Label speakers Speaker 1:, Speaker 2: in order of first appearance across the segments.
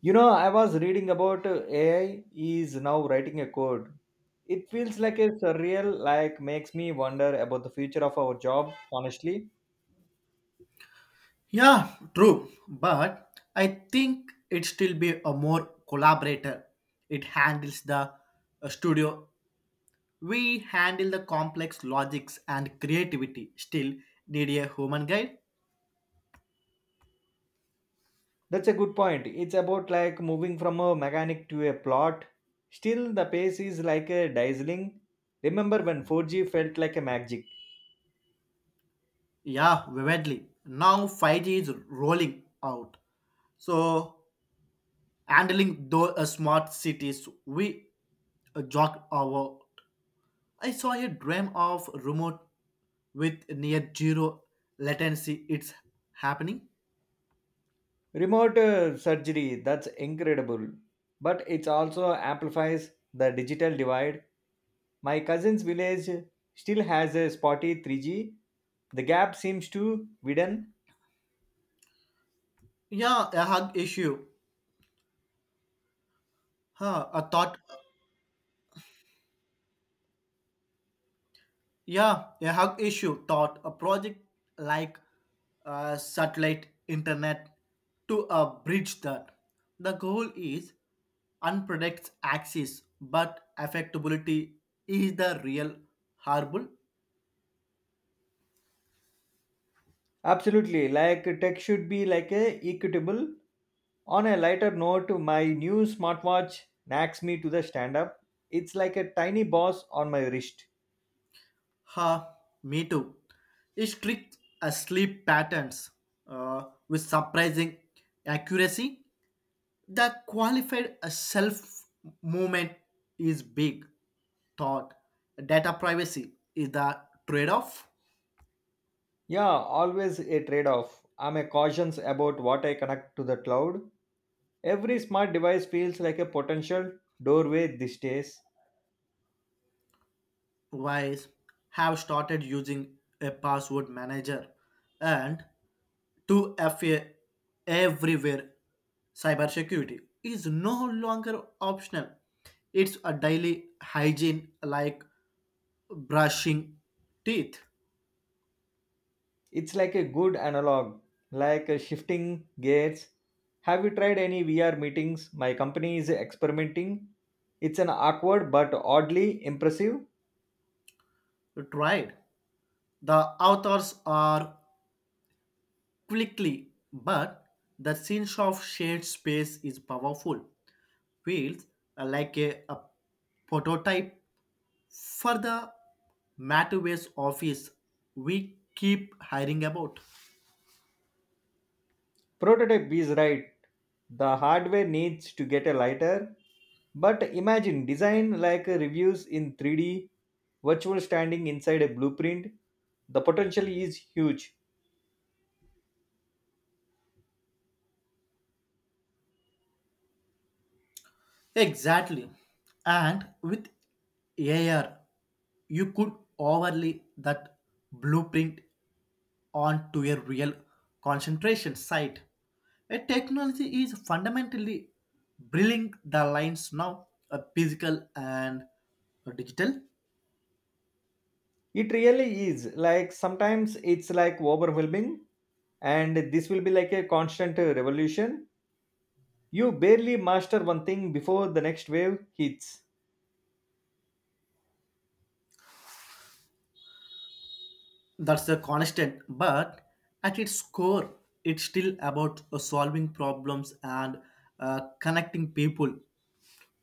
Speaker 1: You know, I was reading about AI is now writing a code. It feels like a surreal, like makes me wonder about the future of our job, honestly.
Speaker 2: Yeah, true. But I think it still be a more collaborator. It handles the studio. We handle the complex logics and creativity. Still need a human guide.
Speaker 1: That's a good point. It's about like moving from a mechanic to a plot. Still, the pace is like a dazzling. Remember when 4G felt like a magic?
Speaker 2: Yeah, vividly. Now 5G is rolling out. So handling those smart cities, we jog our. I saw a dream of remote with near zero latency. It's happening.
Speaker 1: Remote surgery, that's incredible. But it also amplifies the digital divide. My cousin's village still has a spotty 3G. The gap seems to widen.
Speaker 2: Yeah, a hug issue. A thought. Yeah, a hug issue thought. A project like satellite internet to bridge that. The goal is unpredicts access, but affectability is the real harbor.
Speaker 1: Absolutely, like tech should be like a equitable. On a lighter note, my new smartwatch knacks me to the stand up. It's like a tiny boss on my wrist.
Speaker 2: Huh? Me too. Strict sleep patterns uh, with surprising accuracy. The qualified self movement is big. Thought data privacy is the trade off.
Speaker 1: Yeah, always a trade off. I'm a cautious about what I connect to the cloud. Every smart device feels like a potential doorway these days.
Speaker 2: Wise have started using a password manager and 2FA everywhere. Cybersecurity is no longer optional, it's a daily hygiene like brushing teeth.
Speaker 1: It's like a good analog, like a shifting gears. Have you tried any VR meetings? My company is experimenting. It's an awkward but oddly impressive
Speaker 2: Tried. The authors are quickly, but the sense of shared space is powerful. Feels like a prototype for the Matterways office we keep hiring about.
Speaker 1: prototype is right. The hardware needs to get a lighter, but imagine design like reviews in 3D, virtual standing inside a blueprint. The potential is huge.
Speaker 2: Exactly. And with AR, you could overlay that blueprint on to a real concentration site. A technology is fundamentally blurring the lines now, a physical and digital.
Speaker 1: It really is. Like sometimes it's like overwhelming, and this will be like a constant revolution. You barely master one thing before the next wave hits.
Speaker 2: That's a constant, but at its core, it's still about solving problems and connecting people.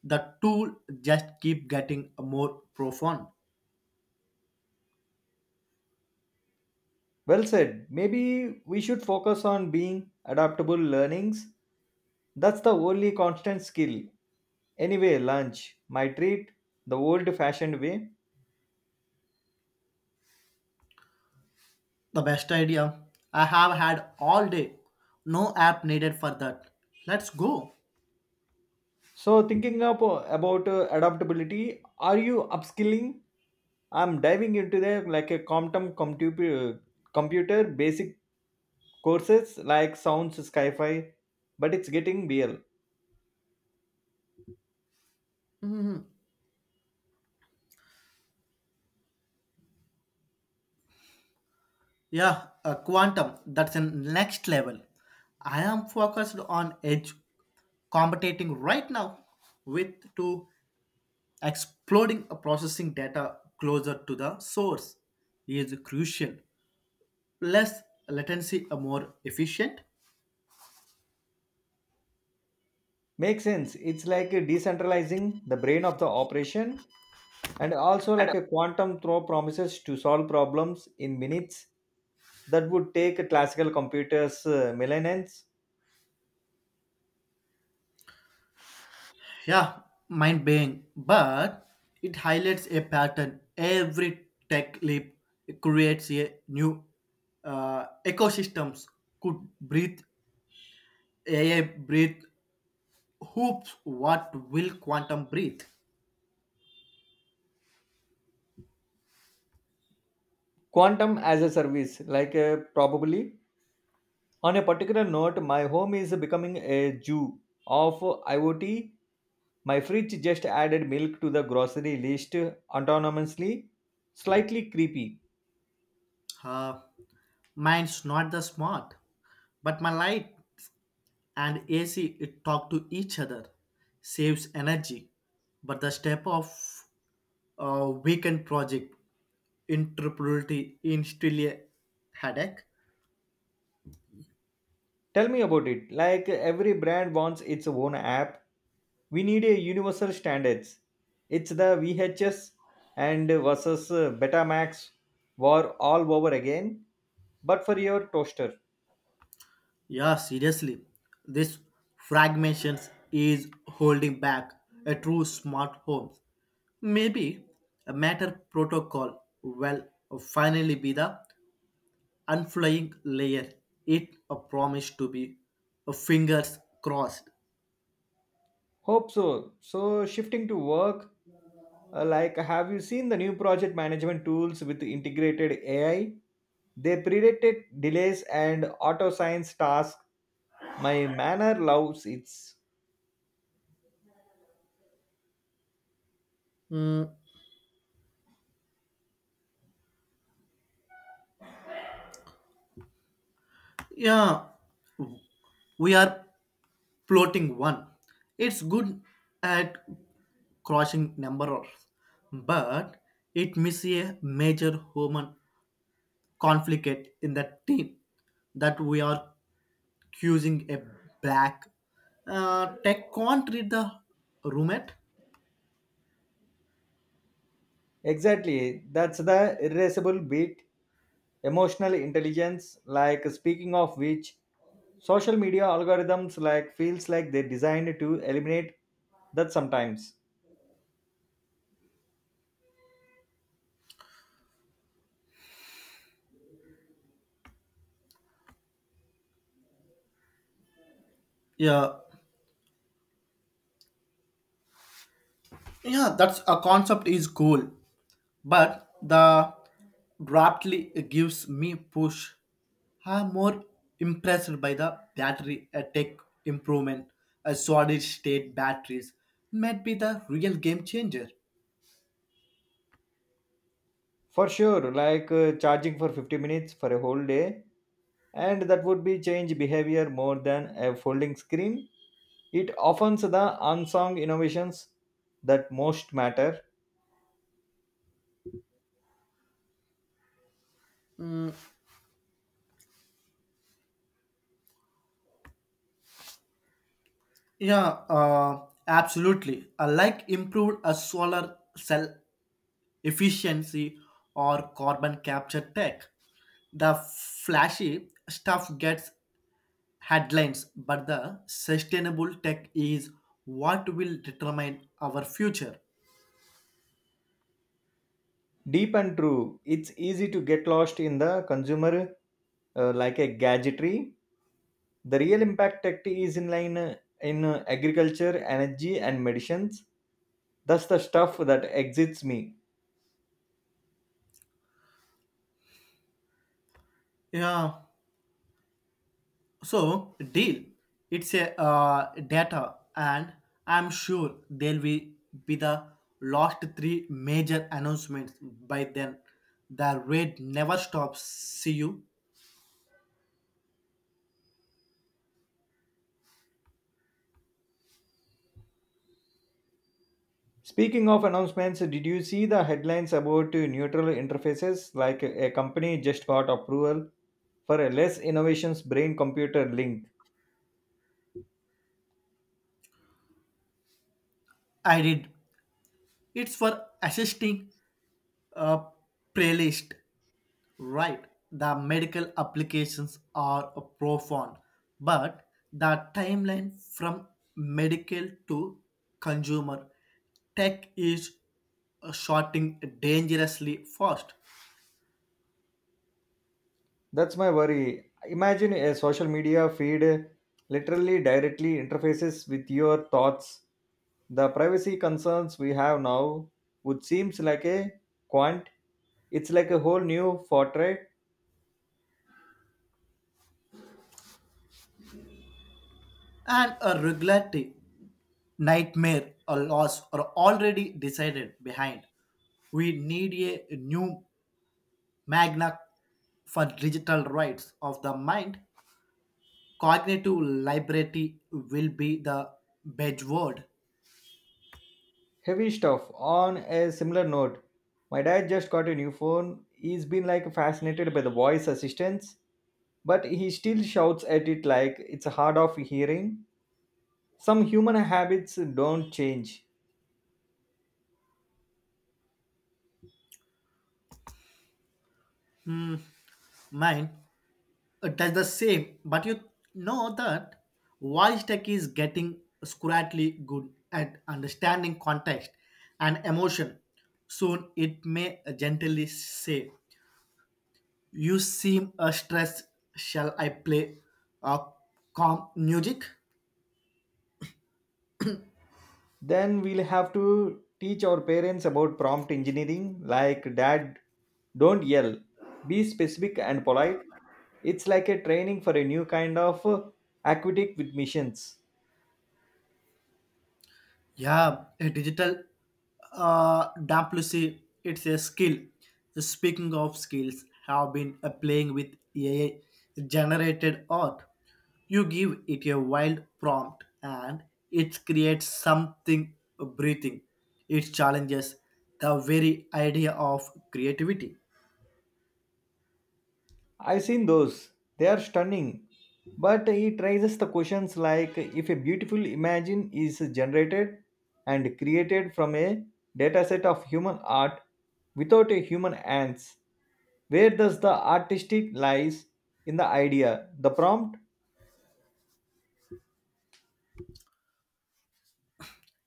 Speaker 2: The tool just keep getting more profound.
Speaker 1: Well said. Maybe we should focus on being adaptable learnings. That's the only constant skill. Anyway, lunch, my treat, the old fashioned way.
Speaker 2: The best idea I have had all day. No app needed for that. Let's go.
Speaker 1: So, thinking up about adaptability, are you upskilling? I'm diving into the like a computer basic courses like sounds sci-fi, but it's getting real.
Speaker 2: Yeah, quantum, that's the next level. I am focused on edge computing right now with to exploding a processing data closer to the source is crucial. Less latency, a more efficient.
Speaker 1: Makes sense. It's like a decentralizing the brain of the operation, and also like a quantum throw promises to solve problems in minutes that would take a classical computers millennia.
Speaker 2: Yeah, mind blowing, but it highlights a pattern. Every tech leap creates a new ecosystems. Could breathe AI breathe Hoops, what will quantum breathe?
Speaker 1: Quantum as a service, like probably. On a particular note, my home is becoming a Jew of IoT. My fridge just added milk to the grocery list autonomously. Slightly creepy.
Speaker 2: Uh, mine's not the smart, but my light and AC it talk to each other, saves energy. But the step of weekend project interoperability in still a headache.
Speaker 1: Tell me about it. Like every brand wants its own app. We need a universal standards. It's the VHS and versus Betamax war all over again, but for your toaster.
Speaker 2: Yeah, seriously, this fragmentations is holding back a true smart home. Maybe a matter protocol will finally be the and flying layer it a promise to be a fingers crossed.
Speaker 1: Hope so. So, shifting to work, like, have you seen the new project management tools with integrated AI? They predicted delays and auto science tasks. My manner loves it's
Speaker 2: Mm, yeah, we are plotting one. It's good at crossing numbers, but it misses a major human conflict in the team that we are accusing a black. Tech can't read the roommate.
Speaker 1: exactly that's the irreversible bit. Emotional intelligence, like speaking of which, social media algorithms like feels like they designed to eliminate that sometimes.
Speaker 2: Yeah yeah That's a concept is cool, but the rapidly gives me push. I'm more impressed by the battery tech improvement. A solid state batteries might be the real game changer.
Speaker 1: For sure, like charging for 50 minutes for a whole day and that would be change behavior more than a folding screen. It offers the unsung innovations that most matter.
Speaker 2: Yeah, absolutely. I like improved a solar cell efficiency or carbon capture tech. The flashy stuff gets headlines, but the sustainable tech is what will determine our future.
Speaker 1: Deep and true, it's easy to get lost in the consumer like a gadgetry. The real impact tech is in line in agriculture, energy, and medicines. That's the stuff that exits me.
Speaker 2: Yeah, so deal. It's a data, and I'm sure there will be the last three major announcements by then. The rate never stops. See you.
Speaker 1: Speaking of announcements, did you see the headlines about neutral interfaces? Like a company just got approval for a less innovations brain computer link.
Speaker 2: I did. It's for assisting a playlist. Right, the medical applications are profound, but the timeline from medical to consumer tech is shorting dangerously fast,
Speaker 1: That's my worry. Imagine a social media feed literally directly interfaces with your thoughts. The privacy concerns we have now would seems like a quant. It's like a whole new fortnight.
Speaker 2: and a regulatory nightmare or loss are already decided behind. We need a new magna for digital rights of the mind. Cognitive liberty will be the bedword.
Speaker 1: Heavy stuff. On a similar note, my dad just got a new phone. He's been like fascinated by the voice assistants, but he still shouts at it like it's hard of hearing. Some human habits don't change.
Speaker 2: Mine does the same, but you know that voice tech is getting scrattly good at understanding context and emotion. Soon it may gently say you seem stressed, shall I play uh, calm music.
Speaker 1: Then we'll have to teach our parents about prompt engineering like dad, don't yell, be specific and polite. It's like a training for a new kind of aquatic with missions.
Speaker 2: Yeah, a digital diplomacy, it's a skill. Speaking of skills, have been playing with AI generated art. You give it a wild prompt and it creates something breathing. It challenges the very idea of creativity.
Speaker 1: I've seen those, they are stunning. But it raises the questions like if a beautiful imagine is generated and created from a dataset of human art without a human hands, where does the artistic lies in the idea, the prompt.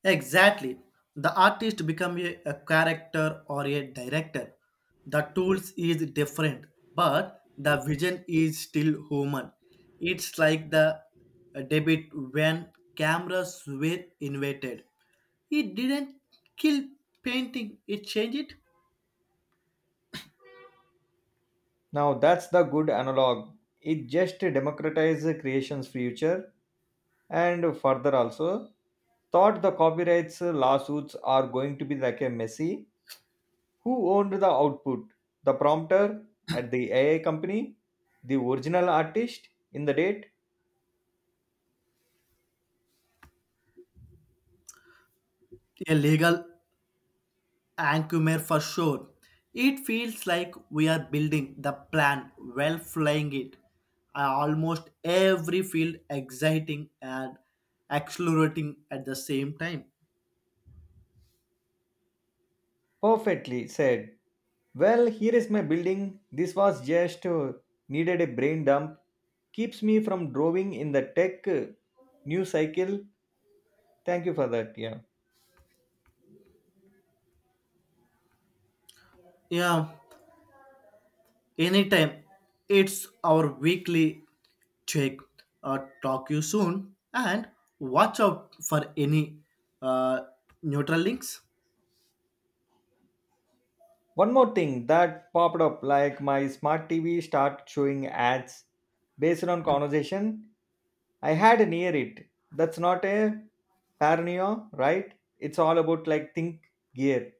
Speaker 2: Exactly. The artist become a character or a director. The tools is different, but the vision is still human. It's like the debate when cameras were invented. It didn't kill painting, it changed it.
Speaker 1: Now that's the good analog. It just democratizes creation's future and further also thought the copyrights lawsuits are going to be like a messy. Who owned the output? The prompter at the AI company? The original artist in the date?
Speaker 2: A legal Ankumer for sure. It feels like we are building the plan while flying it. Almost every field exciting and exhilarating at the same time.
Speaker 1: Perfectly said. Well, here is my building. This was just needed a brain dump. Keeps me from drawing in the tech news cycle. Thank you for that. Yeah.
Speaker 2: Yeah, anytime. It's our weekly check. Talk you soon and watch out for any uh, neutral links.
Speaker 1: One more thing that popped up like my smart TV start showing ads based on conversation I had near it. That's not a paranoia, right? It's all about like think gear.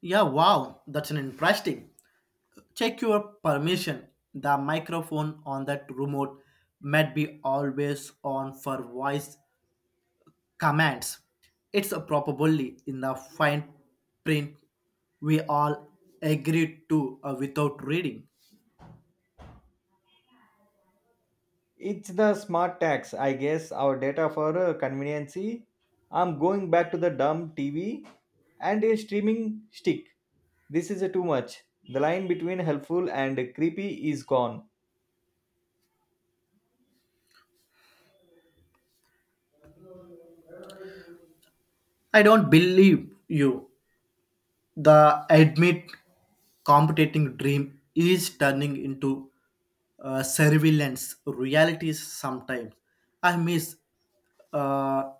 Speaker 2: Yeah, wow, that's an interesting. Check your permission. The microphone on that remote might be always on for voice commands. It's probably in the fine print we all agreed to without reading.
Speaker 1: It's the smart tax, I guess. Our data for conveniency. I'm going back to the dumb TV and a streaming stick. This is too much. The line between helpful and creepy is gone.
Speaker 2: I don't believe you. The admit competing dream is turning into surveillance realities sometimes. I miss uh,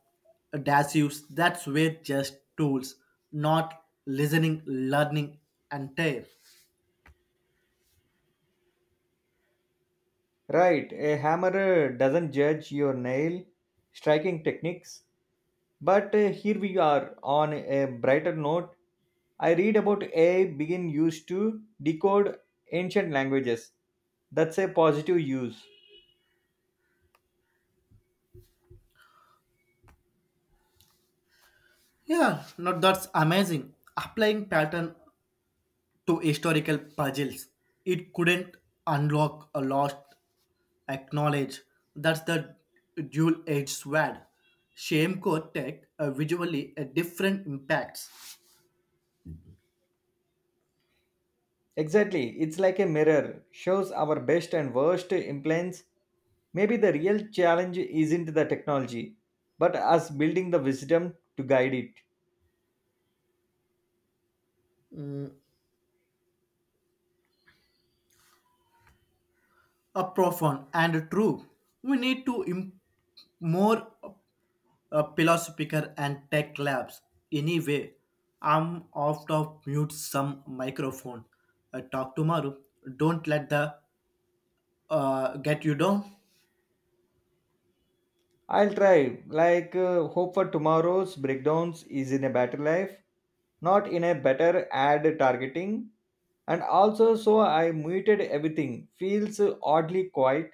Speaker 2: dash use. That's where just tools, not listening, learning, and tear.
Speaker 1: Right, a hammer doesn't judge your nail striking techniques. But here we are on a brighter note. I read about AI being used to decode ancient languages. That's a positive use.
Speaker 2: Yeah, no, that's amazing. Applying pattern to historical puzzles. It couldn't unlock a lost acknowledge. That's the dual edged sword. Shamco tech visually a different impacts,
Speaker 1: Exactly, it's like a mirror, shows our best and worst implants. Maybe the real challenge isn't the technology, but us building the wisdom to guide it.
Speaker 2: a profound and true. We need to more philosophical and tech labs. Anyway, I'm off to mute some microphone. Talk tomorrow. Don't let the get you down.
Speaker 1: I'll try. Like, hope for tomorrow's breakdowns is in a better life, not in a better ad targeting. And also, so I muted everything. Feels oddly quiet.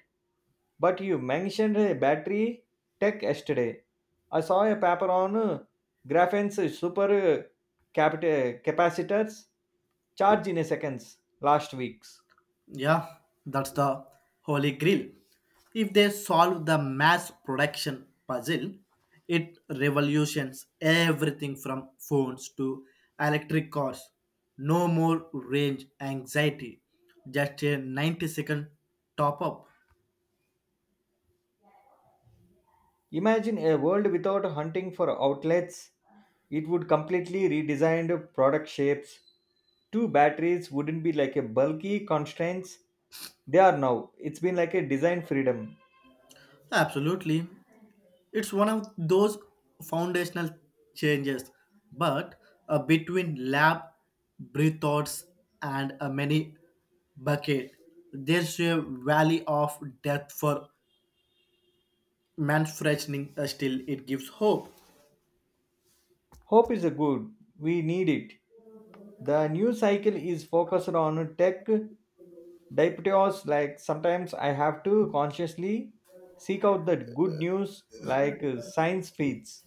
Speaker 1: But you mentioned a battery tech yesterday. I saw a paper on graphene's super capacitors charge in a seconds last week.
Speaker 2: Yeah, that's the holy grail. If they solve the mass production puzzle, it revolutions everything from phones to electric cars. No more range anxiety, just a 90-second top up.
Speaker 1: Imagine a world without hunting for outlets. It would completely redesigned product shapes. Two batteries wouldn't be like a bulky constraints. They are now. It's been like a design freedom.
Speaker 2: Absolutely. It's one of those foundational changes, but between lab, breath and a many bucket, there's a valley of death for man's freshening. Still, it gives hope.
Speaker 1: Hope is a good. We need it. The news cycle is focused on tech diapers. Like sometimes I have to consciously seek out the good news like science feeds.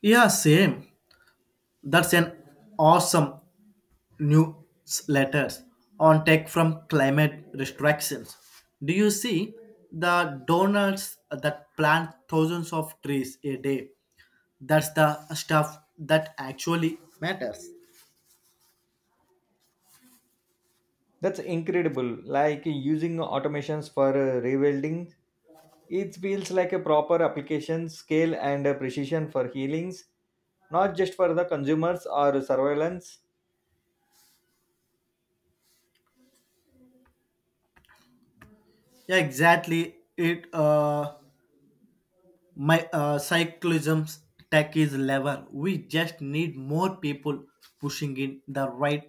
Speaker 2: Yeah, same. That's an awesome newsletters on tech from climate restrictions. Do you see the donors that plant thousands of trees a day? That's the stuff that actually matters.
Speaker 1: That's incredible. Like using automations for rebuilding, it feels like a proper application scale and precision for healings, not just for the consumers or surveillance.
Speaker 2: Yeah, exactly. It my cyclism's tech is level. We just need more people pushing in the right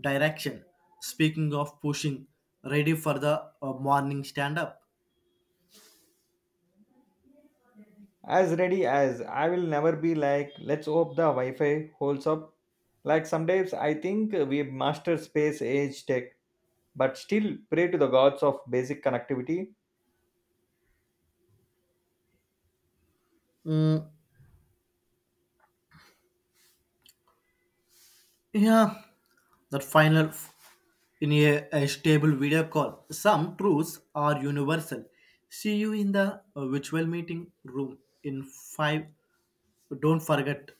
Speaker 2: direction. Speaking of pushing, ready for the morning stand up.
Speaker 1: As ready as I will never be like, let's hope the Wi Fi holds up. Like sometimes I think we master space age tech, but still pray to the gods of basic connectivity.
Speaker 2: Mm, Yeah, that in a stable video call. Some truths are universal. See you in the virtual meeting room in five. Don't forget.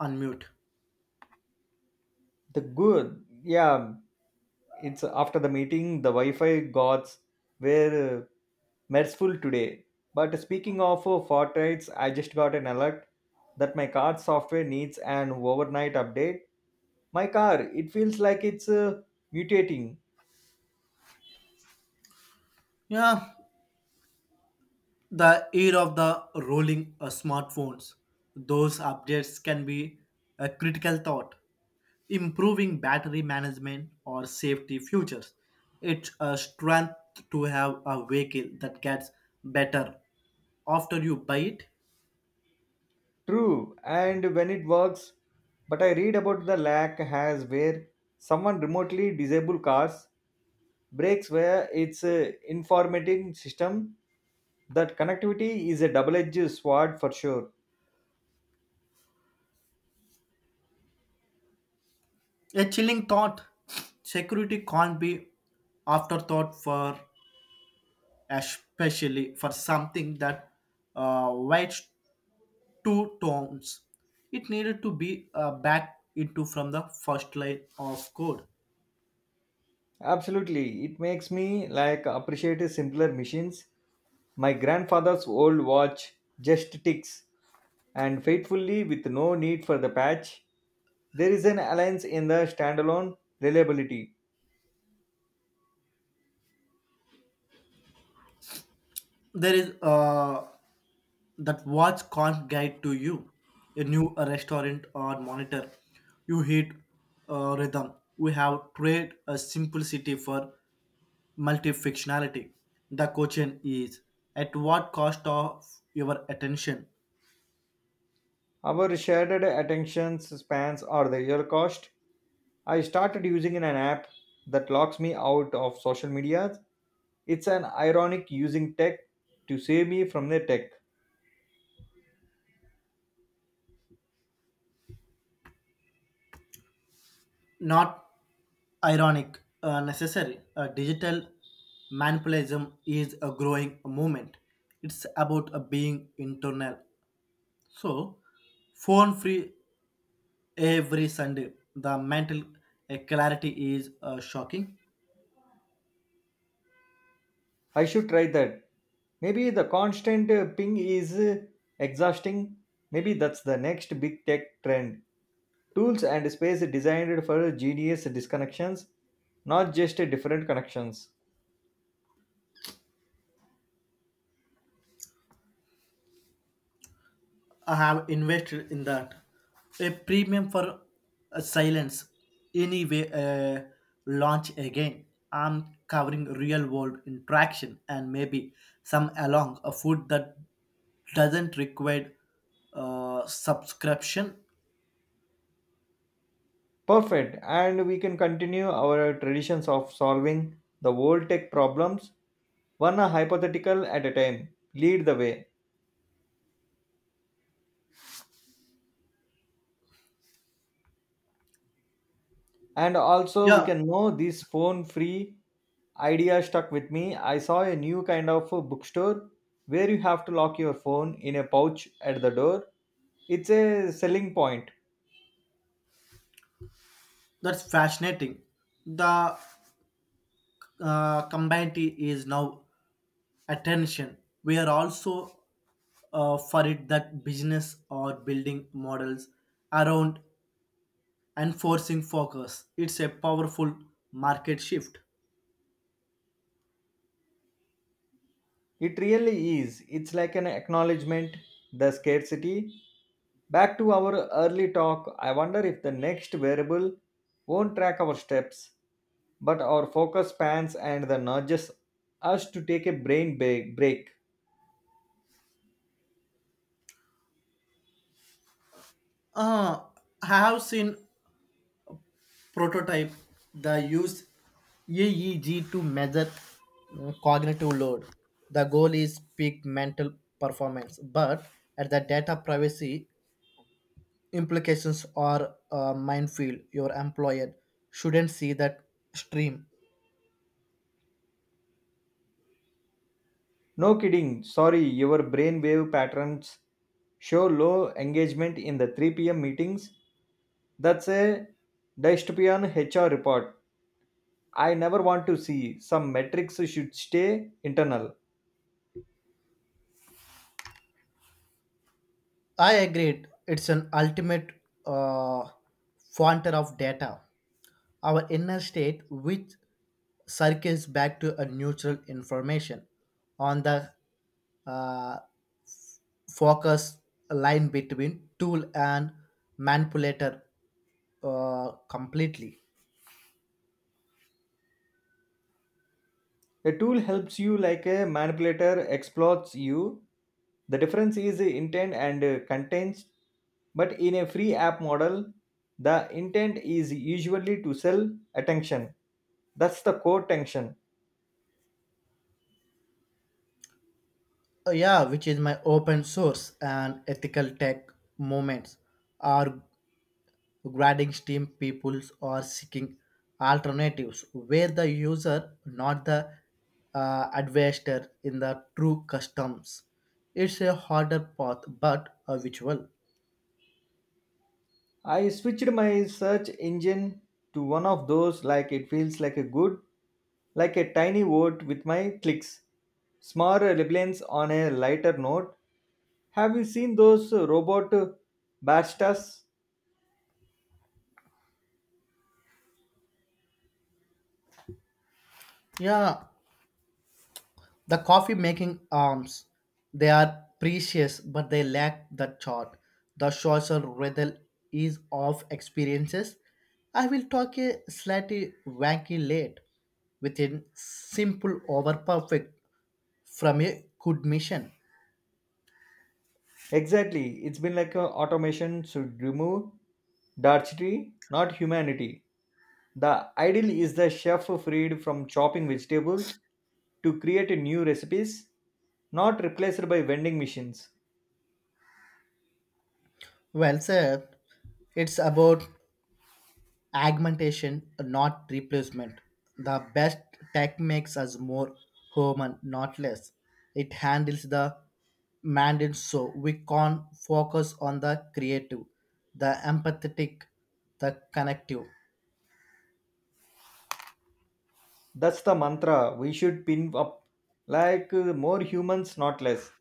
Speaker 2: Unmute.
Speaker 1: The good, yeah, it's after the meeting, the Wi Fi gods were merciful today. But speaking of fortraits, I just got an alert that my card software needs an overnight update. My car, it feels like it's mutating.
Speaker 2: Yeah, the era of the rolling smartphones. Those updates can be a critical thought, improving battery management or safety features. It's a strength to have a vehicle that gets better after you buy it.
Speaker 1: True, and when it works, but I read about the lack has where someone remotely disable cars breaks where it's informating system that connectivity is a double-edged sword for sure.
Speaker 2: A chilling thought. Security can't be afterthought for, especially for something that waits two towns. It needed to be backed into from the first line of code.
Speaker 1: Absolutely. It makes me like appreciate simpler machines. My grandfather's old watch just ticks and faithfully with no need for the patch. There is an alliance in the standalone reliability.
Speaker 2: There is that watch can't guide to you. A new restaurant or monitor. You hit rhythm. We have trade a simplicity for multifunctionality. The question is at what cost of your attention?
Speaker 1: Our shared attention spans are the real cost. I started using an app that locks me out of social media. It's an ironic using tech to save me from the tech.
Speaker 2: Not ironic, necessary. Digital manipulatism is a growing movement. It's about being internal. So, phone free every Sunday. The mental clarity is shocking.
Speaker 1: I should try that. Maybe the constant ping is exhausting. Maybe that's the next big tech trend. Tools and space designed for genius disconnections, not just different connections.
Speaker 2: I have invested in that. A premium for silence. Anyway, launch again. I'm covering real world interaction and maybe some along a food that doesn't require subscription.
Speaker 1: Perfect. And we can continue our traditions of solving the world tech problems, one hypothetical at a time. Lead the way. And also, we
Speaker 2: Yeah,
Speaker 1: can know this phone free idea stuck with me. I saw a new kind of a bookstore where you have to lock your phone in a pouch at the door. It's a selling point.
Speaker 2: that's fascinating. The community is now attention. We are also for it that business or building models around and forcing focus. It's a powerful market shift.
Speaker 1: It really is. It's like an acknowledgement, the scarcity. Back to our early talk, I wonder if the next wearable won't track our steps, but our focus spans and the nudges us to take a break.
Speaker 2: Uh, I have seen prototype that use EEG to measure cognitive load. The goal is peak mental performance, but at the data privacy implications are minefield. Your employer shouldn't see that stream.
Speaker 1: No kidding. Sorry, your brainwave patterns show low engagement in the 3 p.m. meetings. That's a dystopian HR report. I never want to see. Some metrics should stay internal.
Speaker 2: I agreed. It's an ultimate uh, founder of data, our inner state, which circles back to a neutral information on the uh, focus line between tool and manipulator completely.
Speaker 1: A tool helps you like a manipulator exploits you. The difference is intent and contents. But in a free app model, the intent is usually to sell attention. That's the core tension.
Speaker 2: Yeah, which is my open source and ethical tech movements are Grading team peoples are seeking alternatives where the user, not the investor, in the true customs. It's a harder path, but a visual.
Speaker 1: I switched my search engine to one of those like it feels like a good, like a tiny vote with my clicks. Small relevance on a lighter note. Have you seen those robot baristas?
Speaker 2: Yeah, the coffee making arms, they are precious, but they lack the chart. The social rather ease of experiences. I will talk a slightly wanky late with a simple over perfect from a good mission.
Speaker 1: Exactly, it's been like a automation should remove dietary, not humanity. The ideal is the chef freed from chopping vegetables to create new recipes, not replaced by vending machines.
Speaker 2: Well, sir, it's about augmentation, not replacement. The best tech makes us more human, not less. It handles the mandate so we can focus on the creative, the empathetic, the connective.
Speaker 1: That's the mantra we should pin up like more humans, not less.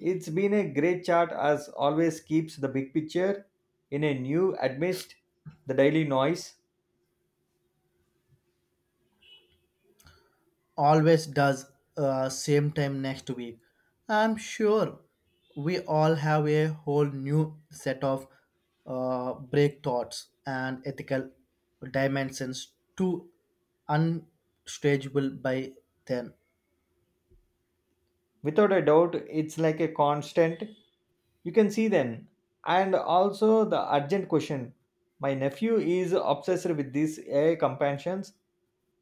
Speaker 1: It's been a great chat as always, keeps the big picture in a new amidst the daily noise.
Speaker 2: Always does. Same time next week, I'm sure we all have a whole new set of break thoughts and ethical dimensions to unstageable by then.
Speaker 1: Without a doubt, it's like a constant. You can see then. And also the urgent question. My nephew is obsessed with these AI companions.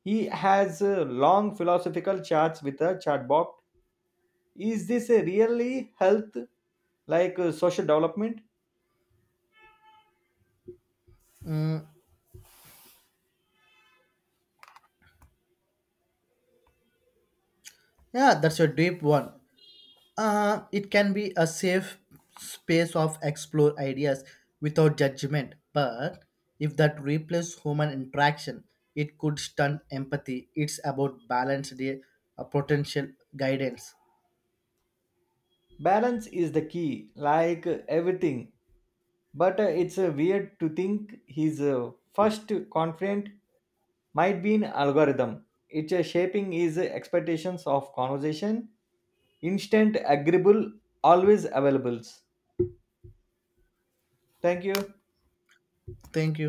Speaker 1: He has long philosophical chats with a chatbot. Is this a really health like social development?
Speaker 2: Yeah, that's a deep one. It can be a safe space of explore ideas without judgment, but if that replaces human interaction, it could stunt empathy. It's about balanced potential guidance.
Speaker 1: Balance is the key, like everything. But it's weird to think his first confident might be an algorithm. It's shaping his expectations of conversation, instant, agreeable, always availables. Thank you.
Speaker 2: Thank you.